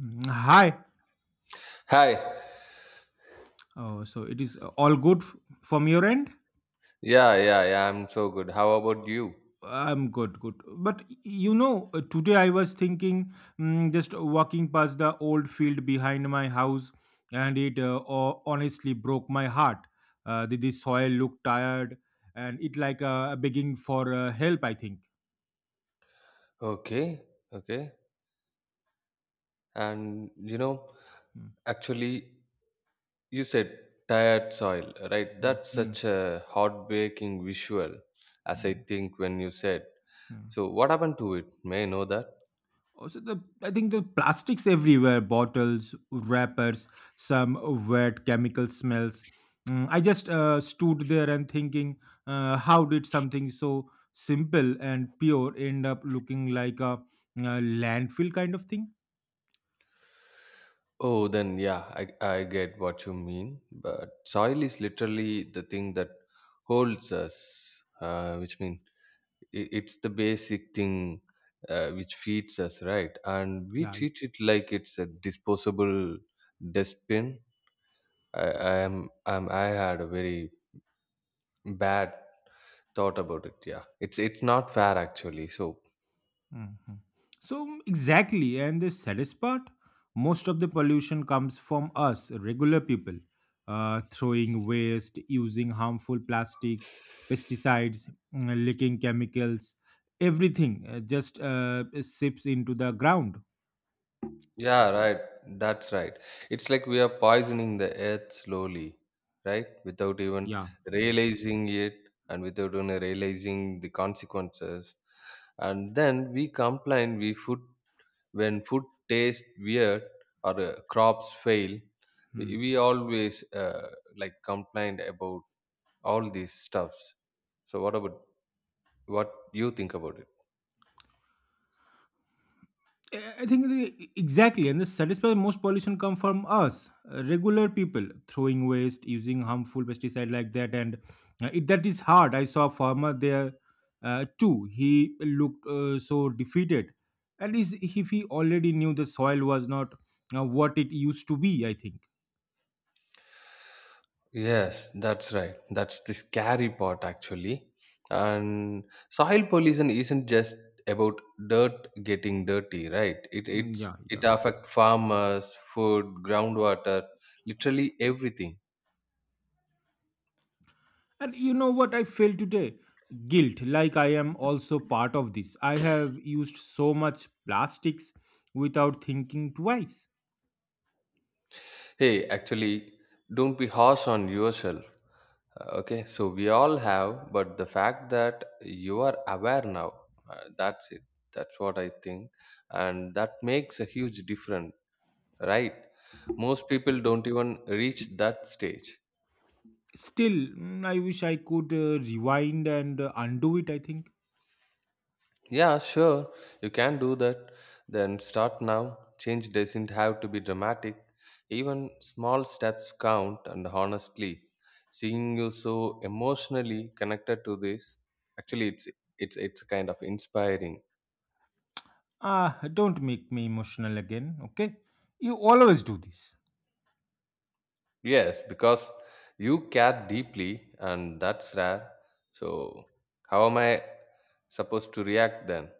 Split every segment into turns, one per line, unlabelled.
Hi.
Hi.
Oh, so it is all good from your end?
Yeah, yeah, yeah. I'm so good. How about you?
I'm good, good. But you know, today I was thinking, just walking past the old field behind my house, and it honestly broke my heart. The soil looked tired, and it like begging for help. I think.
Okay, okay. And
Mm,
actually, you said tired soil, right?
mm,
That's
mm,
such a heartbreaking visual, as I
mm,
think when you said.
mm.
So, what happened to it? May I know that?
Also, the I think the plastics everywhere, bottles, wrappers, some wet chemical smells. I just stood there and thinking, how did something so simple and pure end up looking like a, uh landfill kind of thing?
Oh, then yeah, I get what you mean. But soil is literally the thing that holds us, which means it's the basic thing which feeds us, right, and we
Yeah.
treat it like it's a disposable dustbin. I had a very bad thought about it. Yeah, it's not fair, actually. So
Mhm. So, exactly, and the saddest part most of the pollution comes from us, regular people, throwing waste, using harmful plastic, pesticides, leaking chemicals, everything just sips into the ground.
yeah, right, that's right. It's like we are poisoning the earth slowly, right, without even
Yeah, yeah.
realizing it, and without even realizing the consequences. And then we complain, we put. When food tastes weird, or crops fail, we,
Hmm.
we always, like, complained about all these stuffs. So what about, what you think about it?
I think the, exactly, and the satisfy most pollution come from us, regular people, throwing waste, using harmful pesticide like that, and that is hard. I saw a farmer there too. He looked so defeated, and is if he already knew the soil was not what it used to be. I think.
Yes, that's right. That's the scary part, actually. And soil pollution isn't just about dirt getting dirty, right? It
Mm.
it's
Yeah,
it
yeah.
affects farmers, food, groundwater, literally everything.
And you know what I feel today? Guilt. Like I am also part of this. I have used so much plastics without thinking twice.
Hey, actually, don't be harsh on yourself. Okay, so we all have, but the fact that you are aware now, that's it. That's what I think. And that makes a huge difference, right? Most people don't even reach that stage.
Still, I wish I could rewind and undo it, I think.
Yeah, sure. You can do that. Then start now. Change doesn't have to be dramatic. Even small steps count, and honestly, seeing you so emotionally connected to this, actually, it's kind of inspiring.
Ah, don't make me emotional again, okay? You always do this.
Yes, because you care deeply, and that's rare. So, how am I supposed to react then?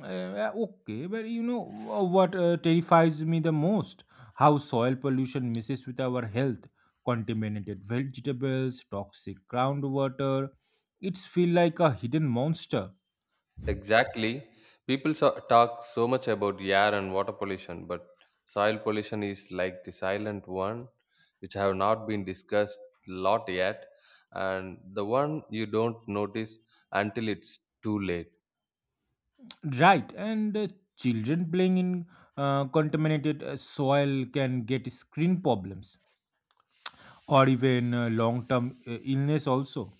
Yeah, okay, but you know what terrifies me the most? How soil pollution messes with our health. Contaminated vegetables, toxic groundwater. It's feel like a hidden monster.
Exactly. People talk so much about air and water pollution, but soil pollution is like the silent one, which have not been discussed lot yet, and the one you don't notice until it's too late.
Right, and children playing in contaminated soil can get screen problems or even long-term illness also.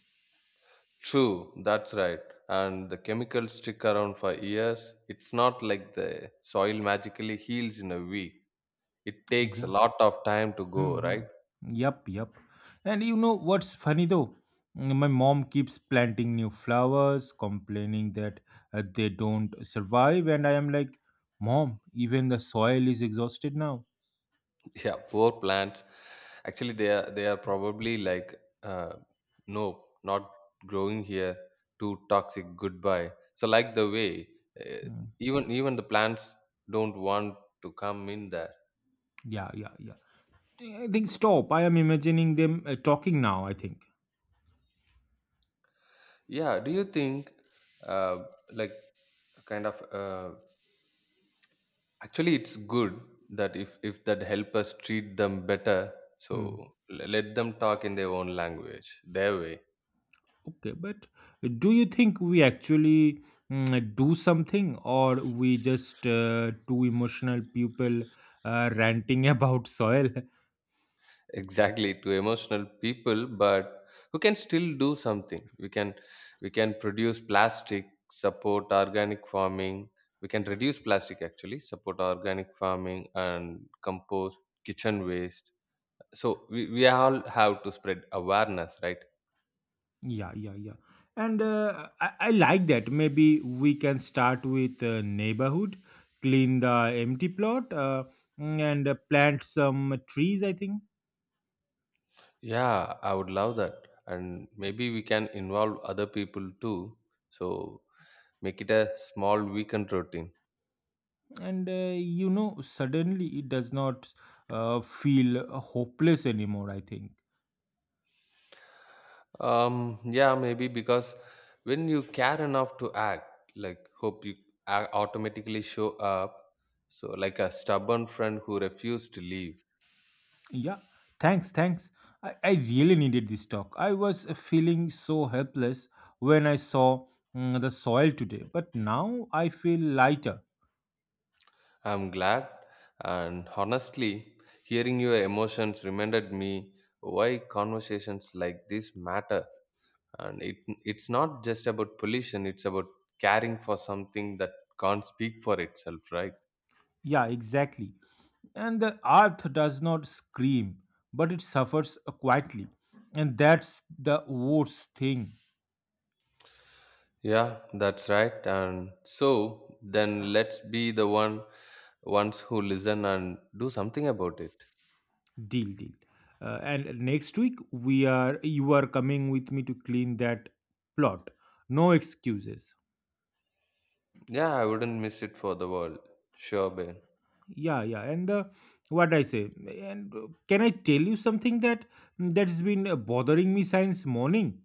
True, that's right. And the chemicals stick around for years. It's not like the soil magically heals in a week. It takes a
Yeah.
lot of time to go,
Hmm.
right?
Yep, yep. And you know what's funny though? My mom keeps planting new flowers, complaining that they don't survive, and I am like, Mom, even the soil is exhausted now.
Yeah, poor plants. Actually, they are probably like, uh, no, not growing here, too toxic, goodbye. So, like the way, uh,
Mm.
even the plants don't want to come in there.
Yeah, yeah, yeah. I think stop. I am imagining them talking now. I think.
Yeah, do you think, uh, like, kind of, actually, it's good that if that help us treat them better. So
Hmm.
let them talk in their own language their way.
Okay, but do you think we actually do something, or we just two emotional people ranting about soil?
Exactly, to emotional people, but who can still do something. We can produce plastic, support organic farming. We can reduce plastic, actually support organic farming, and compost kitchen waste. So we all have to spread awareness, right?
Yeah, yeah, yeah. And I like that. Maybe we can start with neighborhood, clean the empty plot, and plant some trees, I think.
Yeah, I would love that. And maybe we can involve other people too. So make it a small weekend routine.
And you know, suddenly it does not feel hopeless anymore, I think.
Yeah, maybe because when you care enough to act, like hope you automatically show up. So, like a stubborn friend who refused to leave.
Yeah, thanks, thanks. I really needed this talk. I was feeling so helpless when I saw the soil today, but now I feel lighter.
I'm glad, and honestly, hearing your emotions reminded me why conversations like this matter. And it's not just about pollution; it's about caring for something that can't speak for itself, right?
Yeah, exactly. And the earth does not scream, but it suffers quietly. And that's the worst thing.
Yeah, that's right. And so then let's be the ones who listen and do something about it.
Deal, deal. And next week we are you are coming with me to clean that plot. No excuses.
Yeah, I wouldn't miss it for the world. Sure, Ben.
Yeah, yeah, and what I say and can I tell you something that that's been bothering me since morning?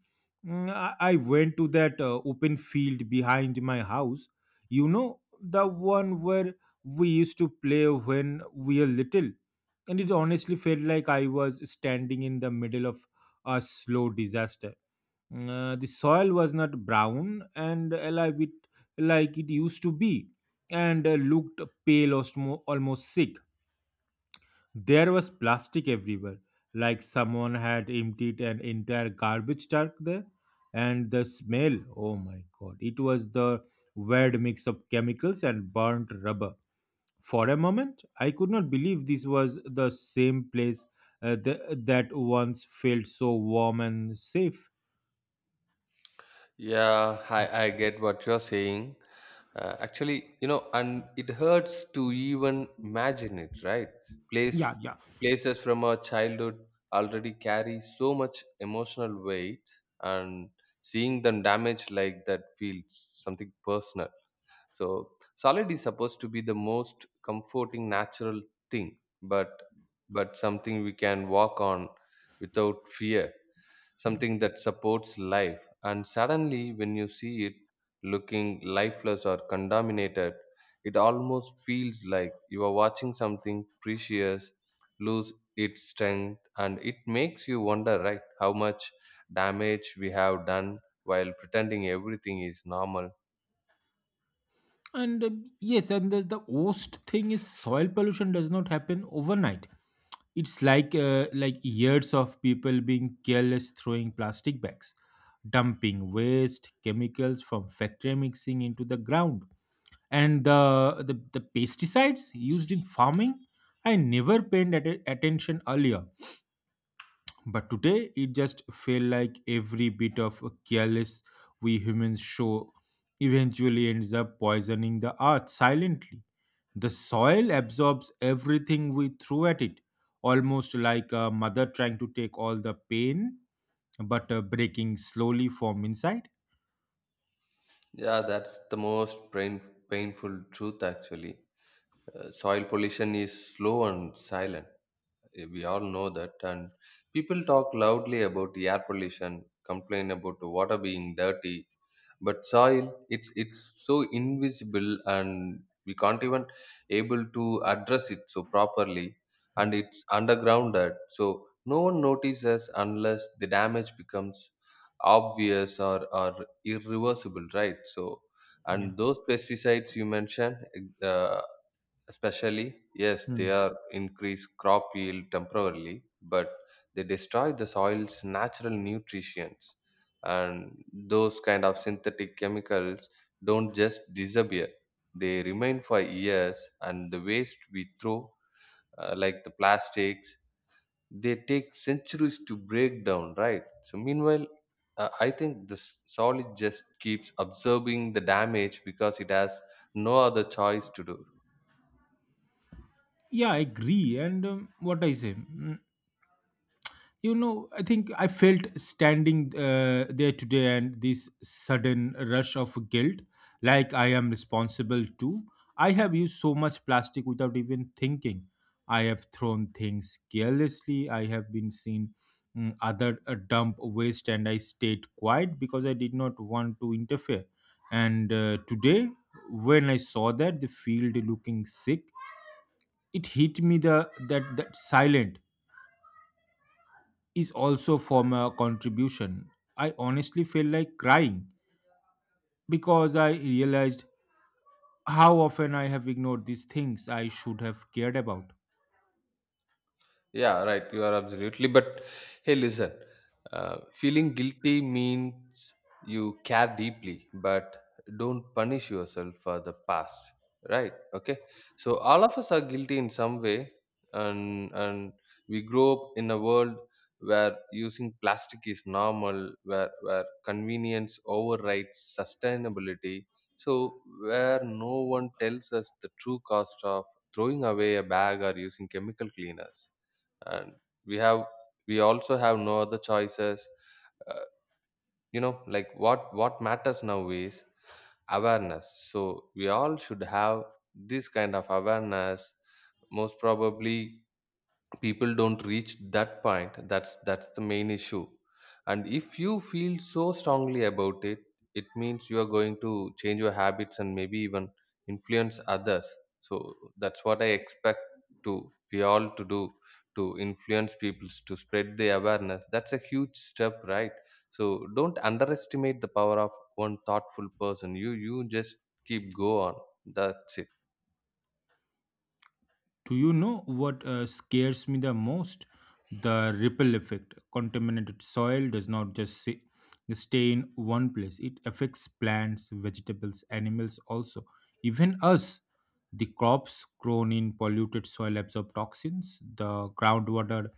I went to that open field behind my house, you know the one where we used to play when we were little, and it honestly felt like I was standing in the middle of a slow disaster. The soil was not brown and alive it like it used to be, and looked pale, or almost sick. There was plastic everywhere, like someone had emptied an entire garbage truck there. And the smell, oh my god, it was the weird mix of chemicals and burnt rubber. For a moment, I could not believe this was the same place that once felt so warm and safe.
Yeah, I get what you're saying. Actually, and it hurts to even imagine it, right? Place
Yeah, yeah.
Places from our childhood already carry so much emotional weight, and seeing them damaged like that feels something personal. So solid is supposed to be the most comforting natural thing, but something we can walk on without fear,
Hmm.
something that supports life. And suddenly when you see it looking lifeless or contaminated, it almost feels like you are watching something precious lose its strength. And it makes you wonder, right, how much damage we have done while pretending everything is normal.
And yes, and the worst thing is soil pollution does not happen overnight. It's like years of people being careless throwing plastic bags, dumping waste, chemicals from factory mixing into the ground, and the pesticides used in farming. I never paid at attention earlier, but today it just feel like every bit of careless we humans show eventually ends up poisoning the earth silently. The soil absorbs everything we throw at it, almost like a mother trying to take all the pain but breaking slowly from inside.
Yeah, that's the most painful truth, actually. Soil pollution is slow and silent. We all know that. And people talk loudly about air pollution, complain about the water being dirty, but soil, it's so invisible, and we can't even able to address it so properly. And it's undergrounded, so no one notices unless the damage becomes obvious or irreversible, right? So, and those pesticides you mentioned, uh, especially, yes, they
Hmm.
are increase crop yield temporarily, but they destroy the soil's natural nutrients. And those kind of synthetic chemicals don't just disappear. They remain for years. And the waste we throw, like the plastics, they take centuries to break down, right? So meanwhile, I think the soil just keeps absorbing the damage because it has no other choice to do.
Yeah, I agree. And what I say? You know, I think I felt standing there today and this sudden rush of guilt, like I am responsible too. I have used so much plastic without even thinking. I have thrown things carelessly. I have been seen other dump waste, and I stayed quiet because I did not want to interfere. And today, when I saw that the field looking sick, it hit me the that that silent is also from a contribution. I honestly feel like crying because I realized how often I have ignored these things I should have cared about.
Yeah, right. You are absolutely. But hey, listen, feeling guilty means you care deeply, but don't punish yourself for the past, right? Okay. So all of us are guilty in some way, and we grow up in a world where using plastic is normal, where convenience overrides sustainability. So where no one tells us the true cost of throwing away a bag or using chemical cleaners. And we have we also have no other choices, uh, like, what matters now is awareness. So we all should have this kind of awareness. Most probably people don't reach that point. That's the main issue. And if you feel so strongly about it, it means you are going to change your habits and maybe even influence others. So that's what I expect to, we all to do, to influence people to spread the awareness. That's a huge step, right? So don't underestimate the power of one thoughtful person. You just keep go on. That's it.
Do you know what scares me the most? The ripple effect. Contaminated soil does not just stay in one place, it affects plants, vegetables, animals also, even us. The crops grown in polluted soil absorb toxins, the groundwater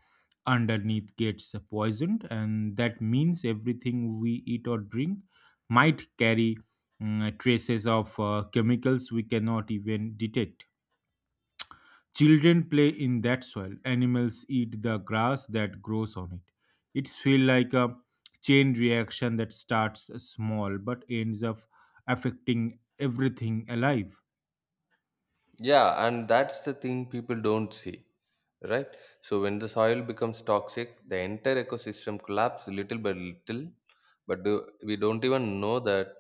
underneath gets poisoned, and that means everything we eat or drink might carry traces of chemicals we cannot even detect. Children play in that soil. Animals eat the grass that grows on it. It feels like a chain reaction that starts small but ends up affecting everything alive.
Yeah, and that's the thing people don't see, right? So when the soil becomes toxic, the entire ecosystem collapses little by little, but we don't even know that,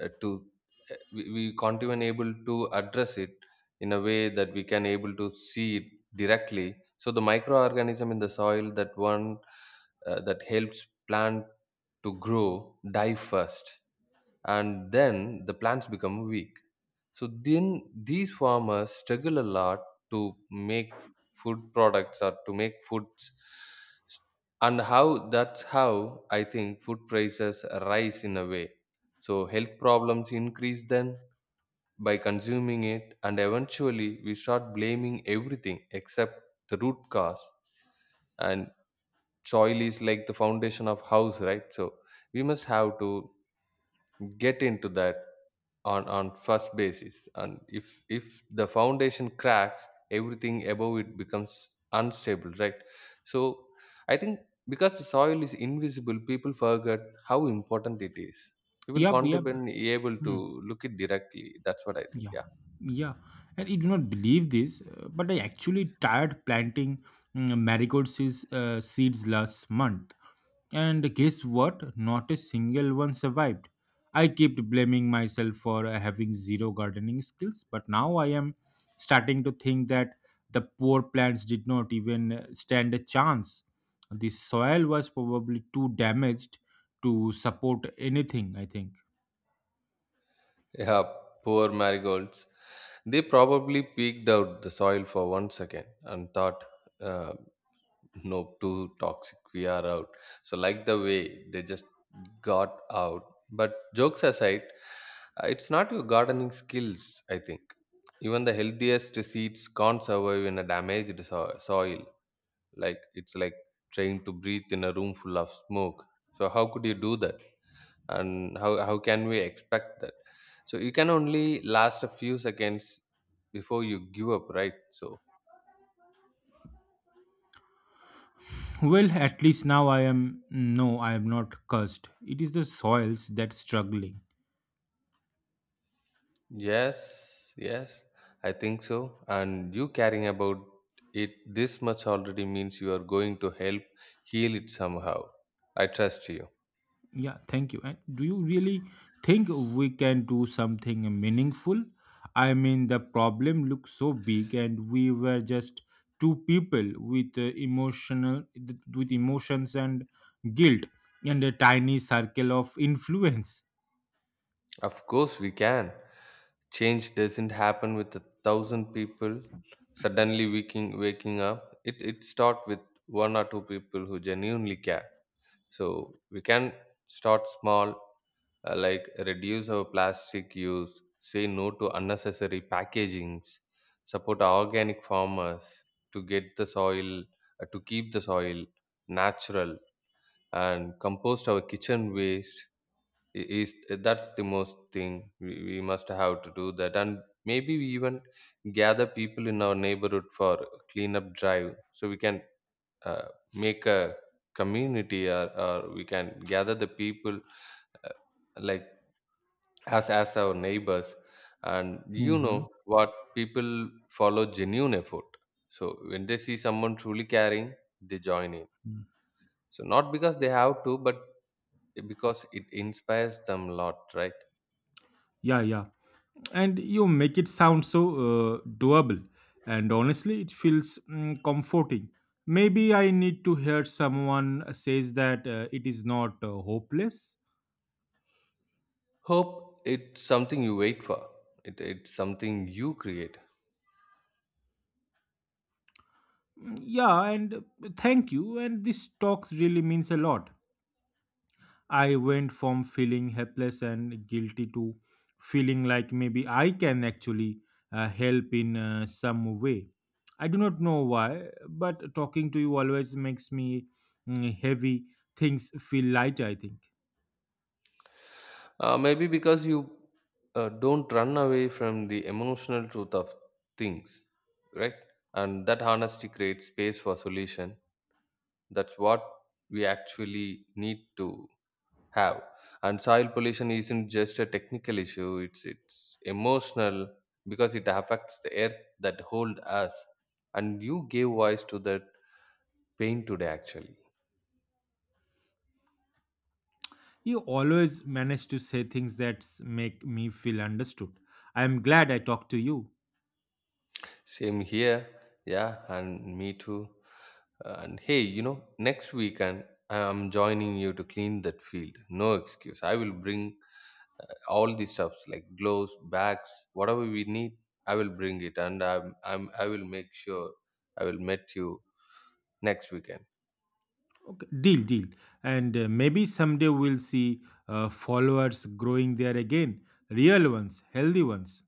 to we can't even able to address it in a way that we can able to see it directly. So the microorganism in the soil that helps plant to grow die first, and then the plants become weak. So then these farmers struggle a lot to make food products or to make foods. And how that's how I think food prices rise in a way. So health problems increase then by consuming it, and eventually we start blaming everything except the root cause. And soil is like the foundation of house, right? So we must have to get into that on first basis. And if the foundation cracks, everything above it becomes unstable, right? So I think because the soil is invisible people forget how important it is. People
Yep,
can't
yep.
even able to
Hmm,
look it directly. That's what I think.
yeah, yeah. And you do not believe this, but I actually tried planting seeds last month. And guess what? Not a single one survived. I kept blaming myself for having zero gardening skills, but now I am starting to think that the poor plants did not even stand a chance. The soil was probably too damaged to support anything, I think.
Yeah, yeah. Poor marigolds. They probably peeked out the soil for 1 second and thought, uh, no, too toxic, we are out. So, like the way they just got out. But jokes aside, it's not your gardening skills, I think. Even the healthiest seeds can't survive in a damaged soil. Like, it's like trying to breathe in a room full of smoke. So how could you do that? And how can we expect that? So you can only last a few seconds before you give up, right? So
Well, at least now I am not cursed. It is the soils that's struggling.
yes, yes, I think so. And you caring about it this much already means you are going to help heal it somehow. I trust you.
Yeah, thank you. And do you really think we can do something meaningful? I mean, the problem looks so big, and we were just two people with with emotions and guilt, and a tiny circle of influence.
Of course, we can. Change doesn't happen with a thousand people suddenly waking up. It starts with one or two people who genuinely care. So we can start small, like reduce our plastic use, say no to unnecessary packagings, support organic farmers to get the soil, to keep the soil natural, and compost our kitchen waste. I- Is that's the most thing we must have to do that, and maybe we even gather people in our neighborhood for cleanup drive, so we can uh, make a community or we can gather the people uh, like as our neighbors. And you know
Hmm.
what people follow genuine effort, so when they see someone truly caring, they join in, so not because they have to but because it inspires them a lot, right?
Yeah, yeah. And you make it sound so doable. And honestly, it feels comforting. Maybe I need to hear someone says that it is not hopeless.
Hope it's something you wait for. It's something you create.
Yeah, and thank you. And this talks really means a lot. I went from feeling helpless and guilty to feeling like maybe I can actually help in some way. I do not know why, but talking to you always makes me heavy things feel light, I think.
Maybe because you don't run away from the emotional truth of things, right? And that honesty creates space for solution. That's what we actually need to have. And soil pollution isn't just a technical issue, it's emotional, because it affects the earth that hold us, and you gave voice to that pain today actually.
You always manage to say things that make me feel understood. I am glad I talked to you.
Same here. Yeah, and me too. And hey, you know, next weekend I'm joining you to clean that field. No excuse. I will bring all these stuffs like gloves, bags, whatever we need. I will bring it. And I will make sure I will meet you next weekend.
Okay, deal, deal. And maybe someday we'll see followers growing there again. Real ones, healthy ones.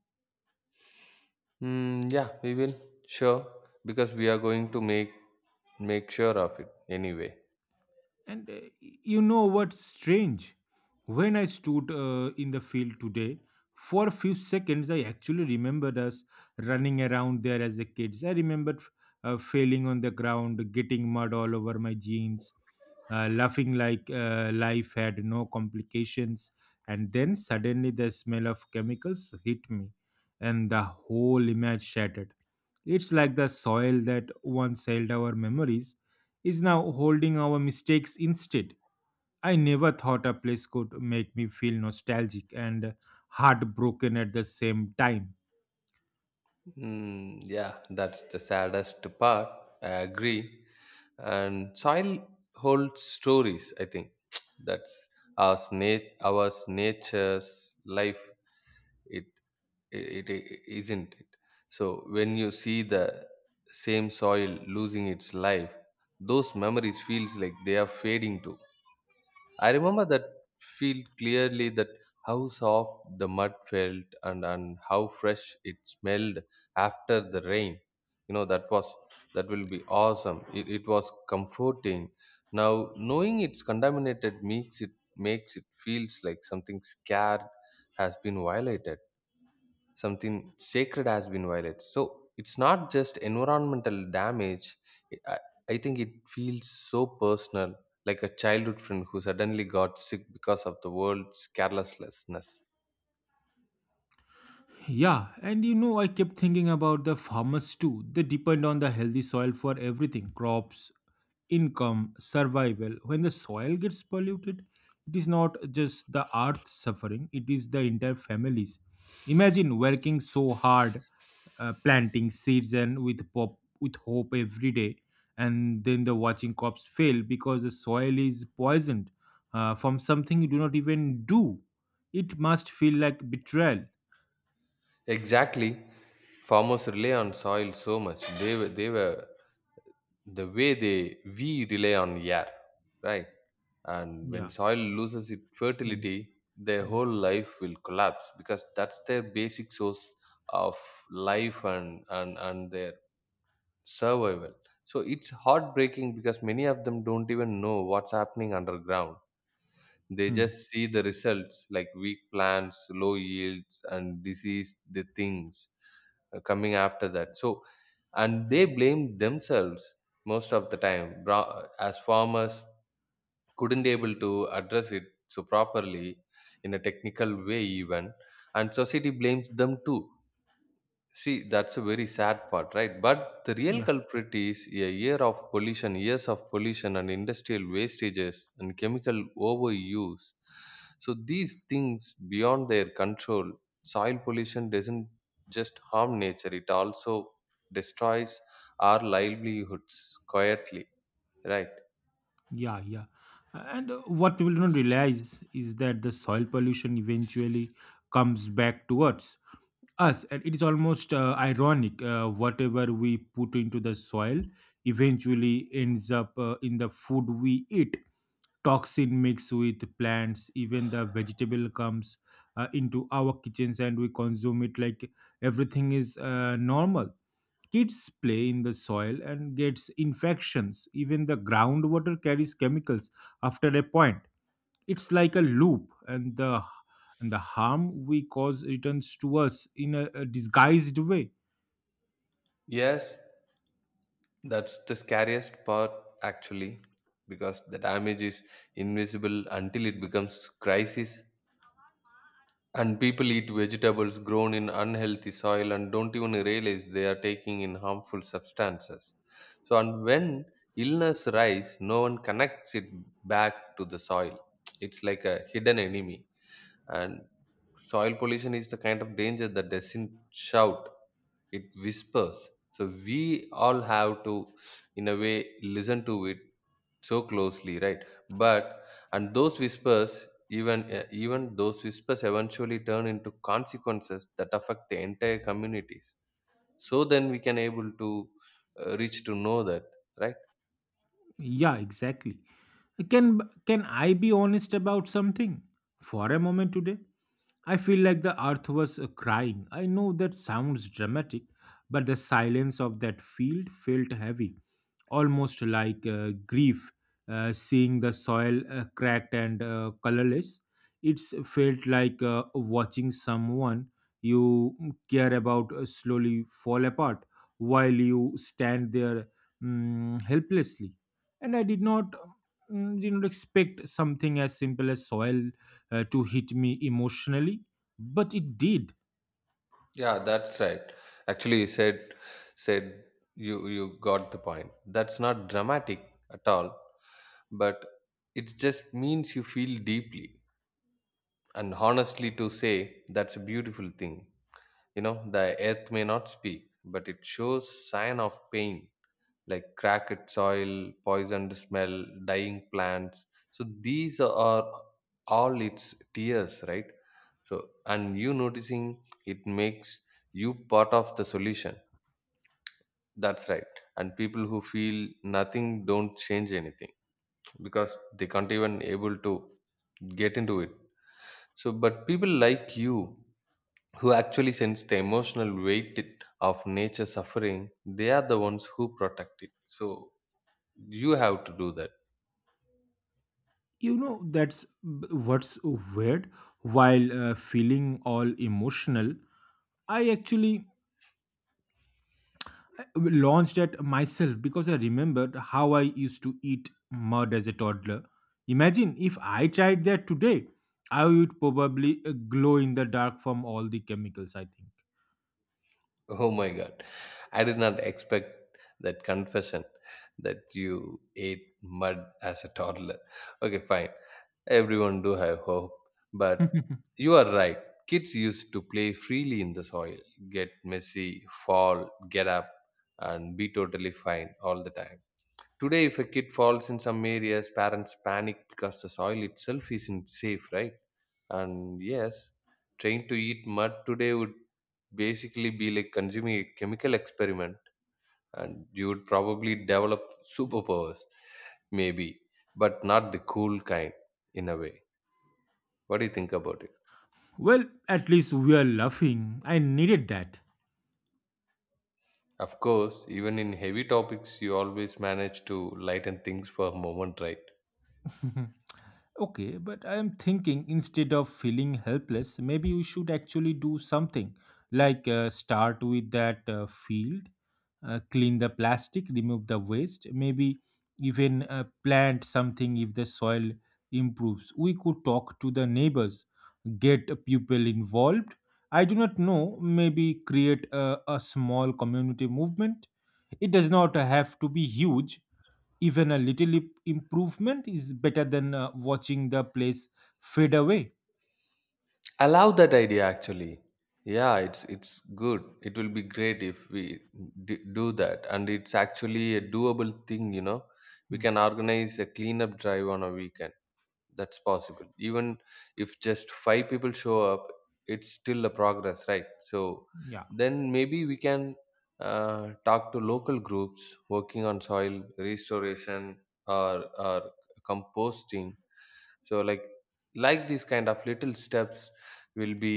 Mm, yeah, we will. Sure. Because we are going to make sure of it anyway.
And you know what's strange? When I stood in the field today, for a few seconds, I actually remembered us running around there as a kids. I remembered failing on the ground, getting mud all over my jeans, laughing like life had no complications. And then suddenly the smell of chemicals hit me, and the whole image shattered. It's like the soil that once held our memories is now holding our mistakes instead. I never thought a place could make me feel nostalgic and heartbroken at the same time.
Mm, yeah, that's the saddest part. I agree. And soil holds stories, I think. That's our nature's life. It it, it isn't it? So when you see the same soil losing its life, those memories feels like they are fading too. I remember that feel clearly, that how soft the mud felt, and how fresh it smelled after the rain. You know, that was, that will be awesome. It was comforting. Now knowing it's contaminated makes it feels like something scared has been violated. Something sacred has been violated. So it's not just environmental damage. i, I think it feels so personal, like a childhood friend who suddenly got sick because of the world's carelessness.
Yeah, and you know, I kept thinking about the farmers too. They depend on the healthy soil for everything crops, income, survival. When the soil gets polluted, it is not just the earth suffering, it is the entire families. Imagine working so hard, planting seeds and with with hope every day, and then the watching crops fail because the soil is poisoned from something you do not even do. It must feel like betrayal.
Exactly. Farmers rely on soil so much, the way they we rely on air, right? And when
Yeah.
soil loses its
Hmm,
fertility, their
hmm,
whole life will collapse, because that's their basic source of life and their survival. So it's heartbreaking, because many of them don't even know what's happening underground. They
hmm.
just see the results, like weak plants, low yields, and diseased the things coming after that. So, and they blame themselves most of the time. As farmers couldn't able to address it so properly in a technical way even, and society blames them too. See, that's a very sad part, right? But the real
Yeah,
culprit is a year of pollution, years of pollution and industrial wastages and chemical overuse. So these things beyond their control. Soil pollution doesn't just harm nature, it also destroys our livelihoods quietly, right?
yeah, yeah. And what people don't realize is that the soil pollution eventually comes back towards us, and it is almost ironic. Whatever we put into the soil eventually ends up in the food we eat. Toxin mixed with plants, even the vegetable comes into our kitchens, and we consume it like everything is normal. Kids play in the soil and gets infections. Even the groundwater carries chemicals after a point. It's like a loop, and the harm we cause returns to us in a disguised way.
Yes, that's the scariest part actually, because the damage is invisible until it becomes crisis. And people eat vegetables grown in unhealthy soil and don't even realize they are taking in harmful substances. So, and when illness rise, no one connects it back to the soil. It's like a hidden enemy. And soil pollution is the kind of danger that doesn't shout, it whispers. So, we all have to, in a way, listen to it so closely, right? But and those whispers, even those whispers eventually turn into consequences that affect the entire communities, so then we can able to reach to know that, right?
Yeah, exactly. Can can I be honest about something for a moment today? I feel like the earth was crying. I know that sounds dramatic, but the silence of that field felt heavy, almost like grief. Seeing the soil cracked and colorless, it's felt like watching someone you care about slowly fall apart while you stand there helplessly, and I did not did not expect something as simple as soil to hit me emotionally, but it did.
Yeah, that's right. Actually you said, you got the point. That's not dramatic at all, but it just means you feel deeply. And honestly to say, that's a beautiful thing. You know, the earth may not speak, but it shows sign of pain, like cracked soil, poisoned smell, dying plants. So these are all its tears, right? So and you noticing it makes you part of the solution. That's right. And people who feel nothing don't change anything, because they can't even able to get into it. So but people like you, who actually sense the emotional weight of nature suffering, they are the ones who protect it, so you have to do that.
You know that's what's weird. While feeling all emotional, I actually launched at myself because I remembered how I used to eat mud as a toddler. Imagine if I tried that today, I would probably glow in the dark from all the chemicals. I think.
Oh my god, I did not expect that confession, that you ate mud as a toddler. Okay, fine, everyone do have hope. But you are right, kids used to play freely in the soil, get messy, fall, get up, and be totally fine all the time. Today, if a kid falls in some areas, parents panic, because the soil itself isn't safe, right? And yes, trying to eat mud today would basically be like consuming a chemical experiment, and you would probably develop superpowers, maybe, but not the cool kind, in a way. What do you think about it?
Well, at least we are laughing. I needed that.
Of course, even in heavy topics, you always manage to lighten things for a moment, right?
Okay, but I am thinking instead of feeling helpless, maybe we should actually do something like start with that field, clean the plastic, remove the waste, maybe even plant something if the soil improves. We could talk to the neighbors, get people involved. I do not know, maybe create a small community movement. It does not have to be huge. Even a little improvement is better than watching the place fade away.
I love that idea actually. Yeah, it's good. It will be great if we do that, and it's actually a doable thing. You know, we
Hmm.
can organize a cleanup drive on a weekend. That's possible. Even if just five people show up, it's still a progress, right? So
Yeah,
then maybe we can talk to local groups working on soil restoration or composting. So like these kind of little steps will be,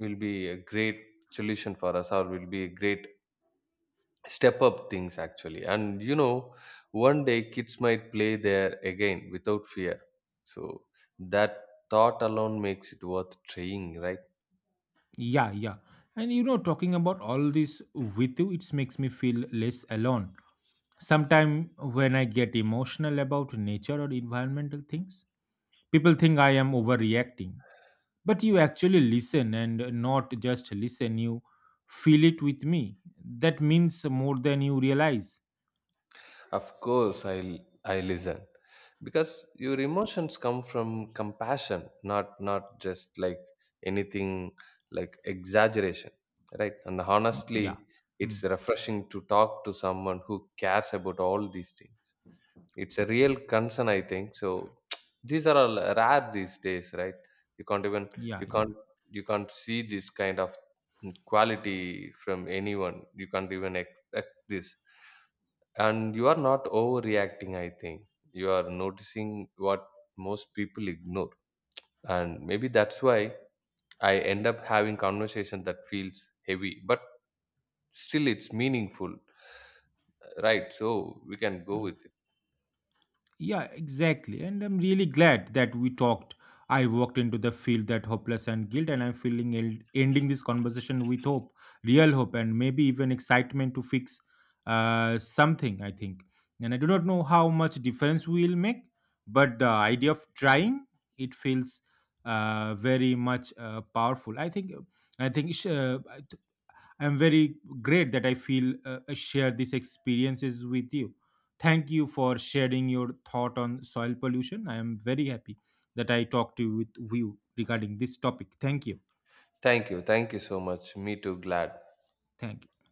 will be a great solution for us, or will be a great step up things actually. And you know, one day kids might play there again without fear, so that thought alone makes it worth trying, right?
yeah, yeah. And you know, talking about all this with you, it makes me feel less alone. Sometimes when I get emotional about nature or environmental things, people think I am overreacting. But you actually listen and not just listen, you feel it with me. That means more than you realize.
Of course, I listen because your emotions come from compassion, not just like anything like exaggeration, right? And
Mm.
honestly,
Yeah.
it's
Mm,
refreshing to talk to someone who cares about all these things. It's a real concern, I think. So these are all rare these days, right? You can't even
yeah,
you
yeah.
can't you can't see this kind of quality from anyone. You can't even expect this. And you are not overreacting, I think. You are noticing what most people ignore, and maybe that's why I end up having conversation that feels heavy but still it's meaningful, right? So we can go
Hmm.
with it.
Yeah, exactly. And I'm really glad that we talked. I walked into the field that hopeless and guilt, and I'm feeling ending this conversation with hope, real hope, and maybe even excitement to fix something, I think. And I do not know how much difference we'll make, but the idea of trying it feels very much powerful. I think, uh, I'm very great that I feel I share these experiences with you. Thank you for sharing your thought on soil pollution. I am very happy that I talked to you with you regarding this topic. Thank you.
Thank you so much. Me too. Glad.
Thank you.